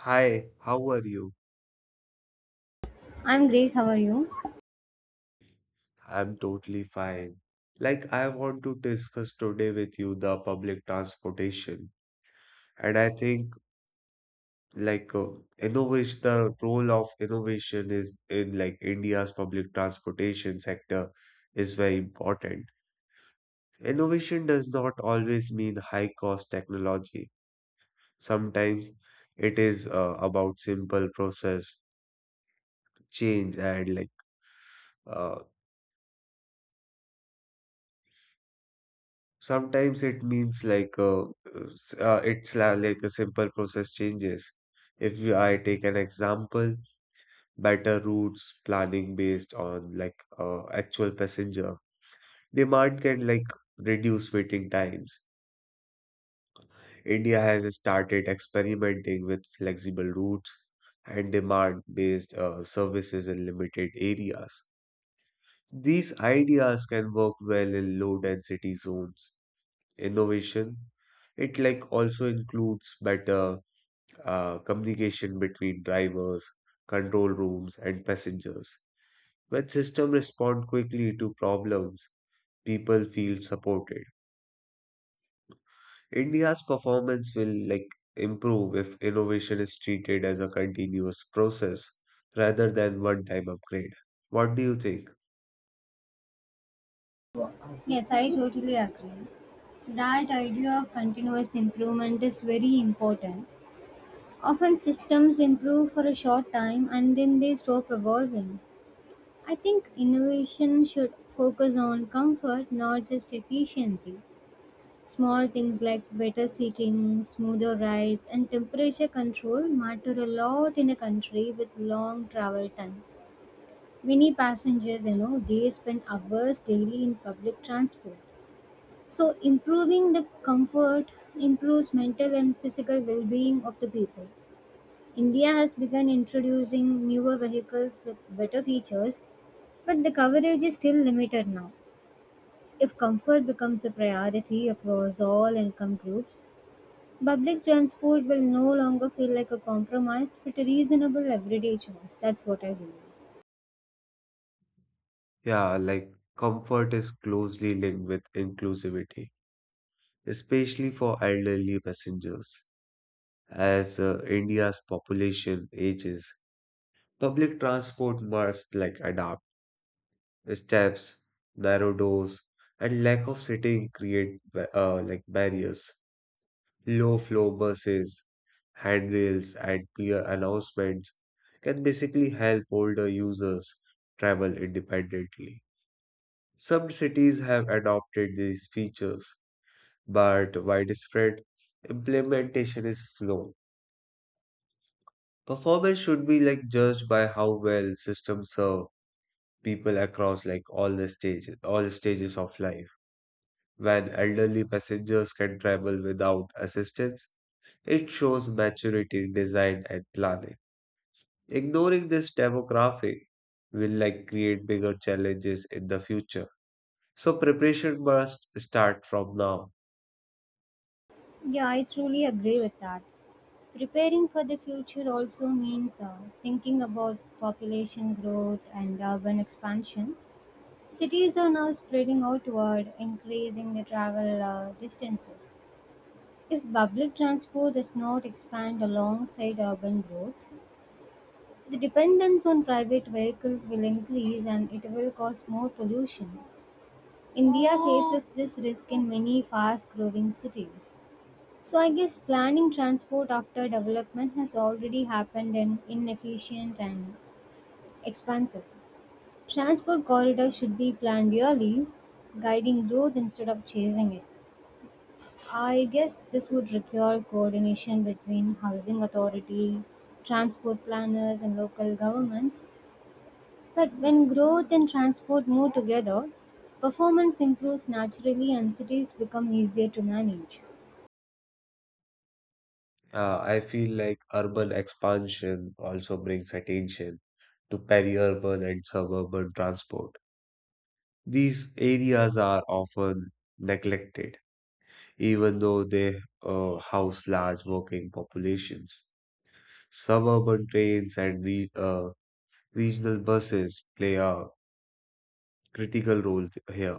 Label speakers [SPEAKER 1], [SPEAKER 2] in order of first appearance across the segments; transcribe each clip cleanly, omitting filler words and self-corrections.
[SPEAKER 1] Hi, how are you?
[SPEAKER 2] I'm great, how are you?
[SPEAKER 1] I'm totally fine. I want to discuss today with you the public transportation. And I think, like, Innovation, the role of innovation is in, like, India's public transportation sector is very important. Innovation does not always mean high-cost technology. Sometimes it is about simple process change and, like, uh, Sometimes it means like a simple process changes. If we- I take an example, better routes planning based on actual passenger demand can reduce waiting times. India has started experimenting with flexible routes and demand based services in limited areas. These ideas can work well in low density zones innovation. It also includes better communication between drivers, control rooms, and passengers. When systems respond quickly to problems, people feel supported. India's performance will improve if innovation is treated as a continuous process rather than one-time upgrade. What do you think?
[SPEAKER 2] Yes, I totally agree. That idea of continuous improvement is very important. Often systems improve for a short time and then they stop evolving. I think innovation should focus on comfort, not just efficiency. Small things like better seating, smoother rides, and temperature control matter a lot in a country with long travel time. Many passengers, you know, they spend hours daily in public transport. So, improving the comfort improves mental and physical well being of the people. India has begun introducing newer vehicles with better features, but the coverage is still limited now. If comfort becomes a priority across all income groups, public transport will no longer feel like a compromise but a reasonable everyday choice. That's what I believe.
[SPEAKER 1] Yeah, comfort is closely linked with inclusivity, especially for elderly passengers. As India's population ages, public transport must adapt. Steps, narrow doors, and lack of sitting create barriers. Low flow buses, handrails, and clear announcements can basically help older users travel independently. Some cities have adopted these features, but widespread implementation is slow. Performance should be judged by how well systems serve people across all stages of life. When elderly passengers can travel without assistance, it shows maturity in design and planning. Ignoring this demographic will create bigger challenges in the future. So preparation must start from now.
[SPEAKER 2] Yeah, I truly agree with that. Preparing for the future also means thinking about population growth and urban expansion. Cities are now spreading outward, increasing the travel distances. If public transport does not expand alongside urban growth, the dependence on private vehicles will increase and it will cause more pollution. India faces this risk in many fast growing cities. So I guess planning transport after development has already happened and inefficient and expansive. Transport corridors should be planned early, guiding growth instead of chasing it. I guess this would require coordination between housing authority, transport planners and local governments. But when growth and transport move together, performance improves naturally and cities become easier to manage.
[SPEAKER 1] I feel like urban expansion also brings attention to peri-urban and suburban transport. These areas are often neglected, even though they house large working populations. Suburban trains and regional buses play a critical role here,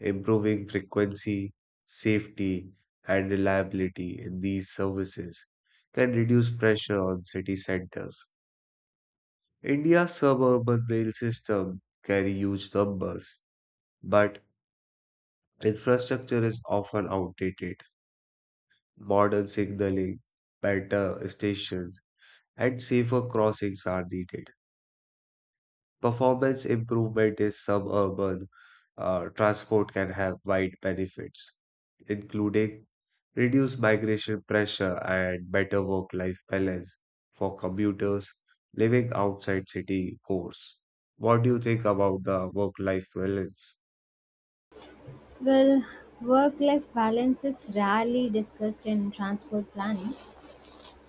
[SPEAKER 1] improving frequency, safety, and reliability in these services can reduce pressure on city centers. India's suburban rail system carry huge numbers, but infrastructure is often outdated modern signaling, better stations, and safer crossings are needed. Performance improvement in suburban transport can have wide benefits, including reduced migration pressure and better work life balance for commuters living outside city cores. What do you think about the work life balance?
[SPEAKER 2] Well, work life balance is rarely discussed in transport planning,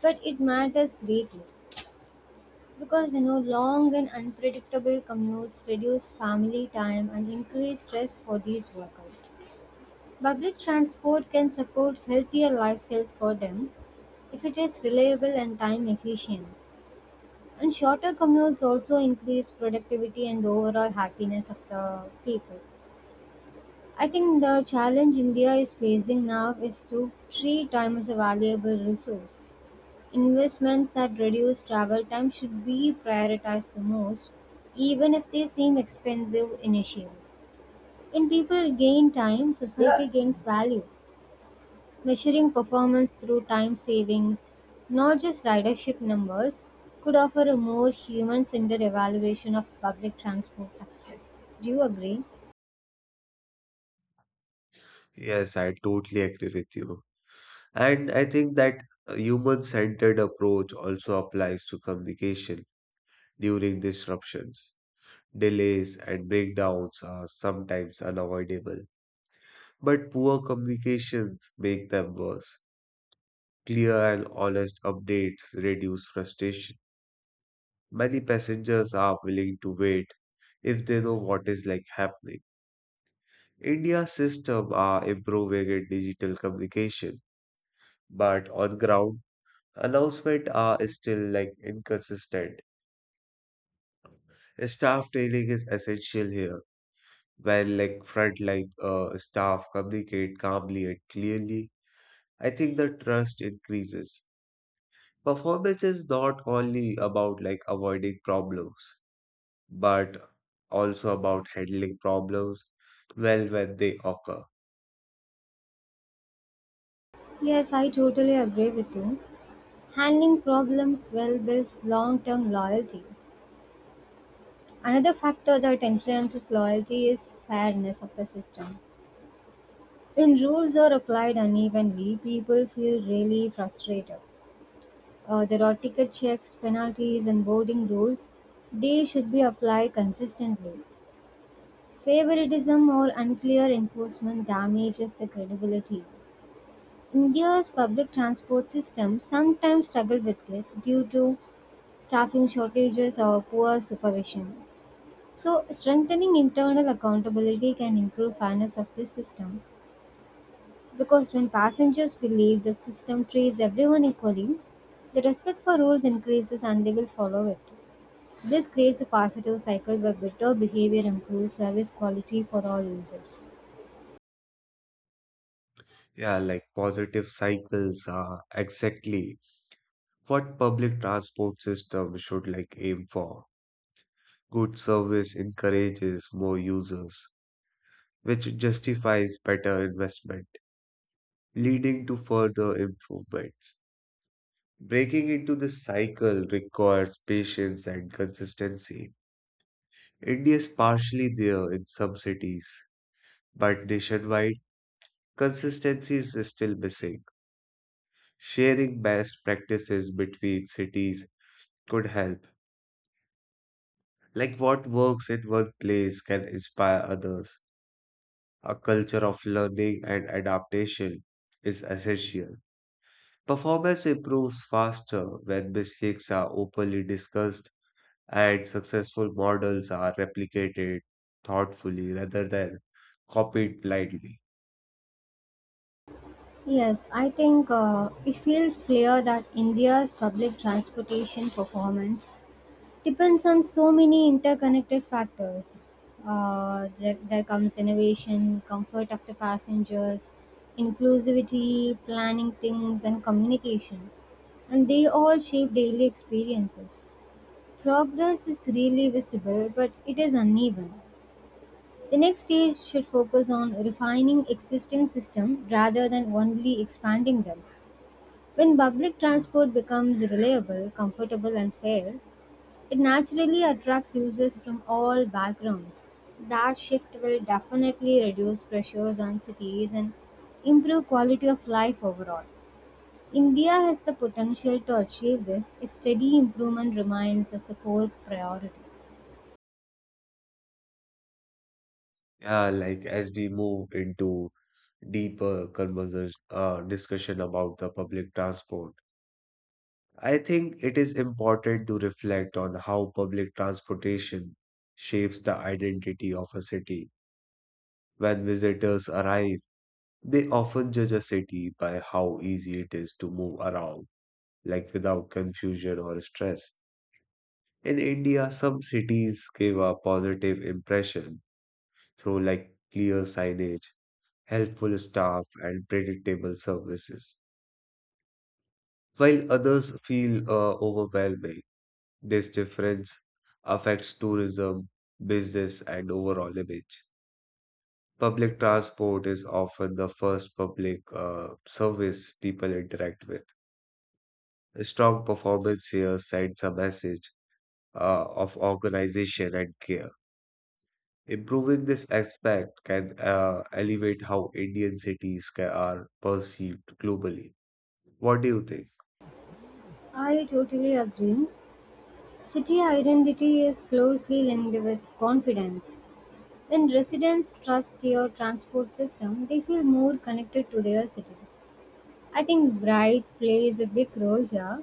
[SPEAKER 2] but it matters greatly because you know long and unpredictable commutes reduce family time and increase stress for these workers. Public transport can support healthier lifestyles for them if it is reliable and time efficient. And shorter commutes also increase productivity and overall happiness of the people. I think the challenge India is facing now is to treat time as a valuable resource. Investments that reduce travel time should be prioritized the most, even if they seem expensive initially. When people gain time, society gains value. Measuring performance through time savings, not just ridership numbers, could offer a more human centered evaluation of public transport success. Do you agree?
[SPEAKER 1] Yes, I totally agree with you. And I think that a human-centered approach also applies to communication during disruptions. Delays and breakdowns are sometimes unavoidable, but poor communications make them worse. Clear and honest updates reduce frustration. Many passengers are willing to wait if they know what is happening. India's system are improving in digital communication, but on ground, announcements are still inconsistent. Staff training is essential here. When frontline staff communicate calmly and clearly, I think the trust increases. Performance is not only about avoiding problems, but also about handling problems well when they occur.
[SPEAKER 2] Yes, I totally agree with you. Handling problems well builds long-term loyalty. Another factor that influences loyalty is fairness of the system. When rules are applied unevenly, people feel really frustrated. There are ticket checks, penalties, and boarding rules. They should be applied consistently. Favoritism or unclear enforcement damages the credibility. India's public transport system sometimes struggle with this due to staffing shortages or poor supervision. So, strengthening internal accountability can improve fairness of this system because when passengers believe the system treats everyone equally, the respect for rules increases and they will follow it. This creates a positive cycle where better behavior improves service quality for all users.
[SPEAKER 1] Yeah, positive cycles are exactly what public transport system should aim for. Good service encourages more users which justifies better investment, leading to further improvements. Breaking into this cycle requires patience and consistency. India is partially there in some cities, but nationwide, consistency is still missing. Sharing best practices between cities could help. Like what works in one place can inspire others. A culture of learning and adaptation is essential. Performance improves faster when mistakes are openly discussed and successful models are replicated thoughtfully rather than copied blindly.
[SPEAKER 2] Yes, I think it feels clear that India's public transportation performance depends on so many interconnected factors. There comes innovation, comfort of the passengers, inclusivity, planning things, and communication. And they all shape daily experiences. Progress is really visible, but it is uneven. The next stage should focus on refining existing system rather than only expanding them. When public transport becomes reliable, comfortable, and fair, it naturally attracts users from all backgrounds. That shift will definitely reduce pressures on cities and improve quality of life overall. India has the potential to achieve this if steady improvement remains as the core priority.
[SPEAKER 1] Yeah, like as we move into deeper conversation discussion about the public transport, I think it is important to reflect on how public transportation shapes the identity of a city. When visitors arrive, they often judge a city by how easy it is to move around, like without confusion or stress. In India, some cities give a positive impression through clear signage, helpful staff, and predictable services, while others feel overwhelming. This difference affects tourism, business, and overall image. Public transport is often the first public service people interact with. A strong performance here sends a message of organization and care. Improving this aspect can elevate how Indian cities are perceived globally. What do you think?
[SPEAKER 2] I totally agree. City identity is closely linked with confidence. When residents trust their transport system, they feel more connected to their city. I think Bright plays a big role here.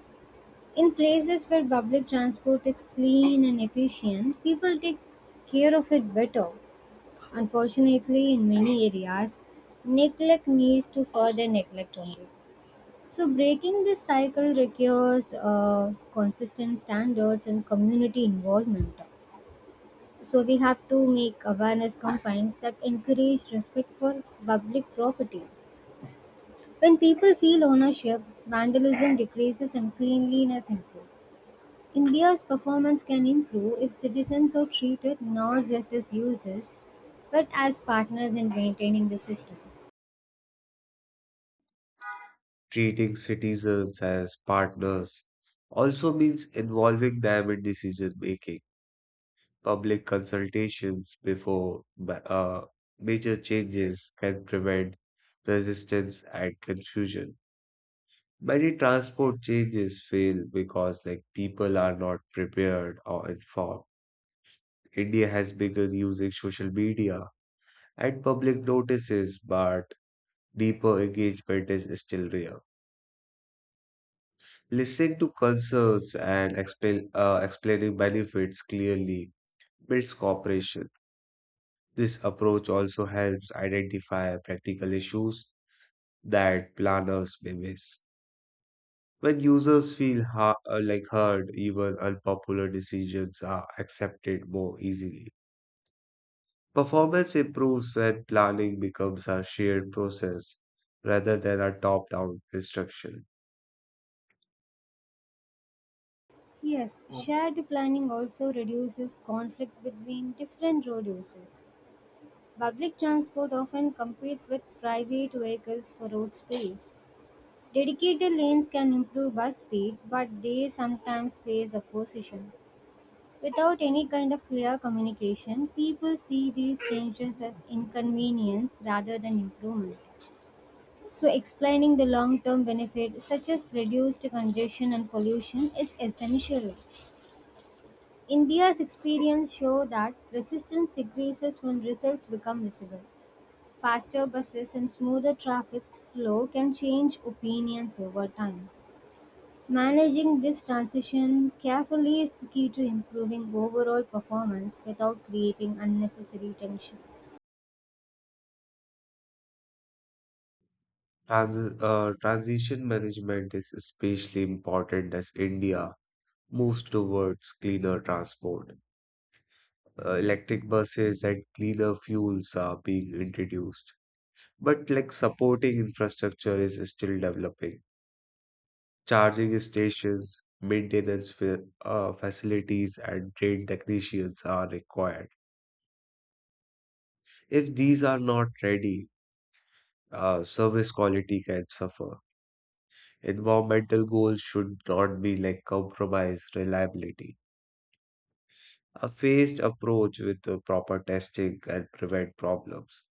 [SPEAKER 2] In places where public transport is clean and efficient, people take care of it better. Unfortunately, in many areas, neglect leads to further neglect only. So, breaking this cycle requires consistent standards and community involvement. So, we have to make awareness campaigns that encourage respect for public property. When people feel ownership, vandalism decreases and cleanliness improves. India's performance can improve if citizens are treated not just as users but as partners in maintaining the system.
[SPEAKER 1] Treating citizens as partners also means involving them in decision making. Public consultations before major changes can prevent resistance and confusion. Many transport changes fail because people are not prepared or informed. India has begun using social media and public notices, but deeper engagement is still rare. Listening to concerns and explaining benefits clearly builds cooperation. This approach also helps identify practical issues that planners may miss. When users feel heard, even unpopular decisions are accepted more easily. Performance improves when planning becomes a shared process rather than a top down instruction.
[SPEAKER 2] Yes, shared planning also reduces conflict between different road users. Public transport often competes with private vehicles for road space. Dedicated lanes can improve bus speed, but they sometimes face opposition. Without any kind of clear communication, people see these changes as inconvenience rather than improvement. So, explaining the long term benefits, such as reduced congestion and pollution, is essential. India's experience show that resistance decreases when results become visible. Faster buses and smoother traffic flow can change opinions over time. Managing this transition carefully is the key to improving overall performance without creating unnecessary tension.
[SPEAKER 1] Transition management is especially important as India moves towards cleaner transport. Electric buses and cleaner fuels are being introduced, but supporting infrastructure is still developing. Charging stations, maintenance facilities, and trained technicians are required. If these are not ready, service quality can suffer. Environmental goals should not be compromise reliability. A phased approach with the proper testing can prevent problems.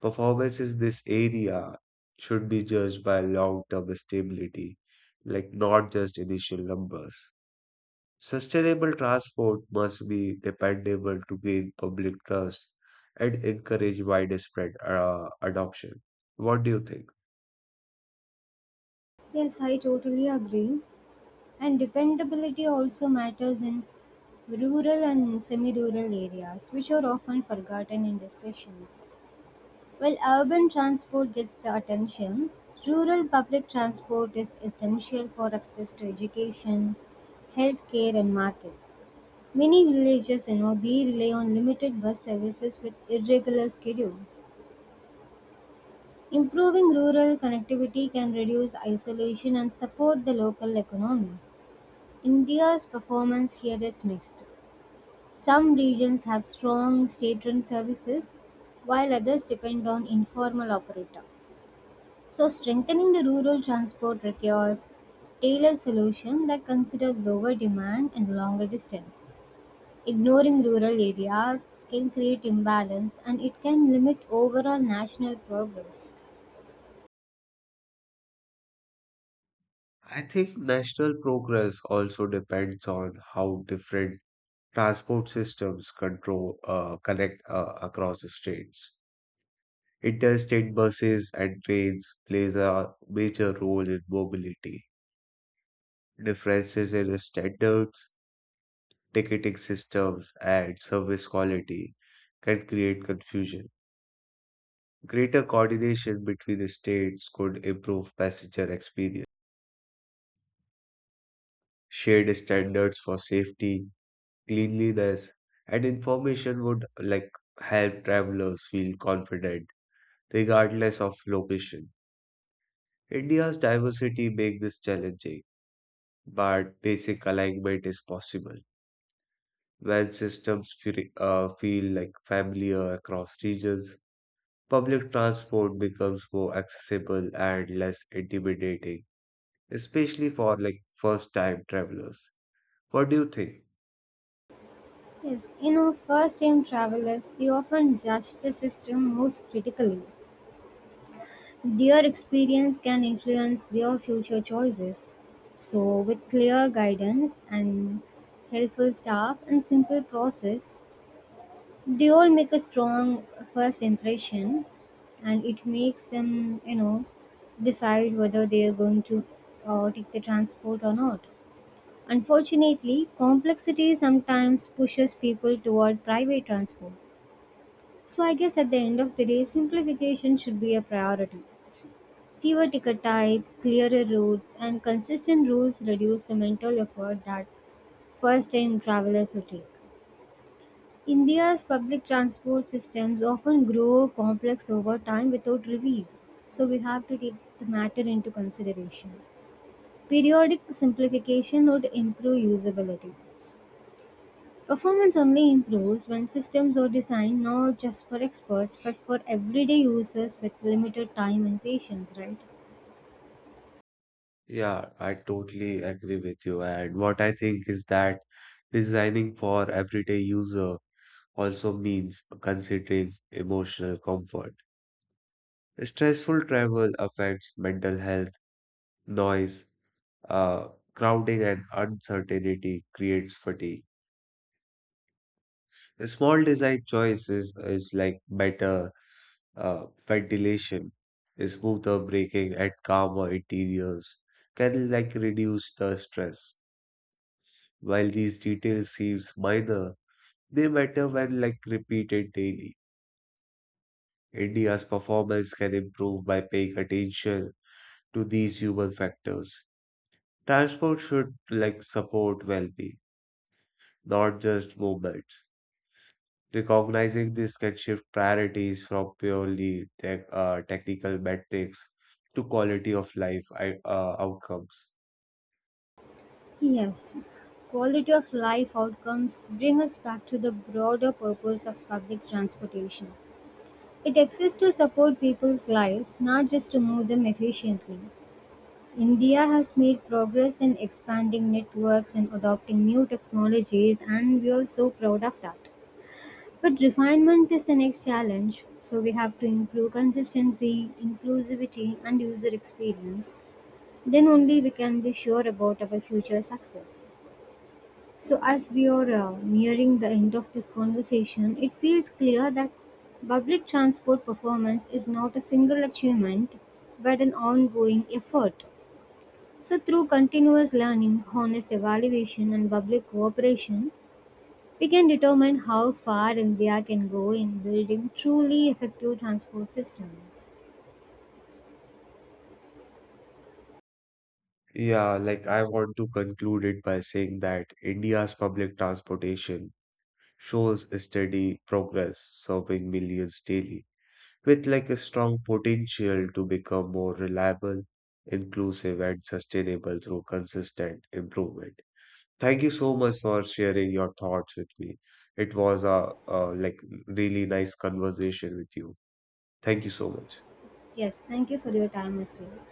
[SPEAKER 1] Performance in this area should be judged by long-term stability, not just initial numbers. Sustainable transport must be dependable to gain public trust and encourage widespread adoption. What do you think?
[SPEAKER 2] Yes, I totally agree. And dependability also matters in rural and semi rural areas, which are often forgotten in discussions. While urban transport gets the attention, rural public transport is essential for access to education, healthcare, and markets. Many villages, you know, they rely on limited bus services with irregular schedules. Improving rural connectivity can reduce isolation and support the local economies. India's performance here is mixed. Some regions have strong state-run services, while others depend on informal operator. So strengthening the rural transport requires tailored solutions that consider lower demand and longer distance. Ignoring rural areas can create imbalance and it can limit overall national progress.
[SPEAKER 1] I think national progress also depends on how different transport systems control connect across the states. Interstate buses and trains plays a major role in mobility. Differences in standards, ticketing systems, and service quality can create confusion. Greater coordination between the states could improve passenger experience. Shared standards for safety, cleanliness, and information would help travelers feel confident regardless of location. India's diversity makes this challenging, but basic alignment is possible. When systems feel familiar across regions, public transport becomes more accessible and less intimidating, especially for first time travelers. What do you think?
[SPEAKER 2] Yes, you know, first time travelers, they often judge the system most critically. Their experience can influence their future choices. So, with clear guidance and helpful staff and simple process, they all make a strong first impression and it makes them, you know, decide whether they are going to take the transport or not. Unfortunately, complexity sometimes pushes people toward private transport. So, I guess at the end of the day, simplification should be a priority. Fewer ticket type, clearer routes, and consistent rules reduce the mental effort that first-time travelers would take. India's public transport systems often grow complex over time without review, so we have to take the matter into consideration. Periodic simplification would improve usability. Performance only improves when systems are designed not just for experts but for everyday users with limited time and patience, right?
[SPEAKER 1] Yeah, I totally agree with you. And what I think is that designing for everyday user also means considering emotional comfort. Stressful travel affects mental health, noise, uh, crowding, and uncertainty creates fatigue. A small design choice is better. Ventilation, smoother braking, and calmer interiors can reduce the stress. While these details seems minor, they matter when repeated daily. India's performance can improve by paying attention to these human factors. Transport should support well-being, not just movement. Recognizing this can shift priorities from purely technical metrics to quality of life outcomes.
[SPEAKER 2] Yes, quality of life outcomes bring us back to the broader purpose of public transportation. It exists to support people's lives, not just to move them efficiently. India has made progress in expanding networks and adopting new technologies, and we are so proud of that. But refinement is the next challenge, so we have to improve consistency, inclusivity, and user experience. Then only we can be sure about our future success. So, as we are nearing the end of this conversation, it feels clear that public transport performance is not a single achievement but an ongoing effort. So, through continuous learning, honest evaluation, and public cooperation, we can determine how far India can go in building truly effective transport systems.
[SPEAKER 1] Yeah, like I want to conclude it by saying that India's public transportation shows a steady progress, serving millions daily, with a strong potential to become more reliable, inclusive, and sustainable through consistent improvement. Thank you so much for sharing your thoughts with me. It was a really nice conversation with you. Thank you so much.
[SPEAKER 2] Yes, thank you for your time as well.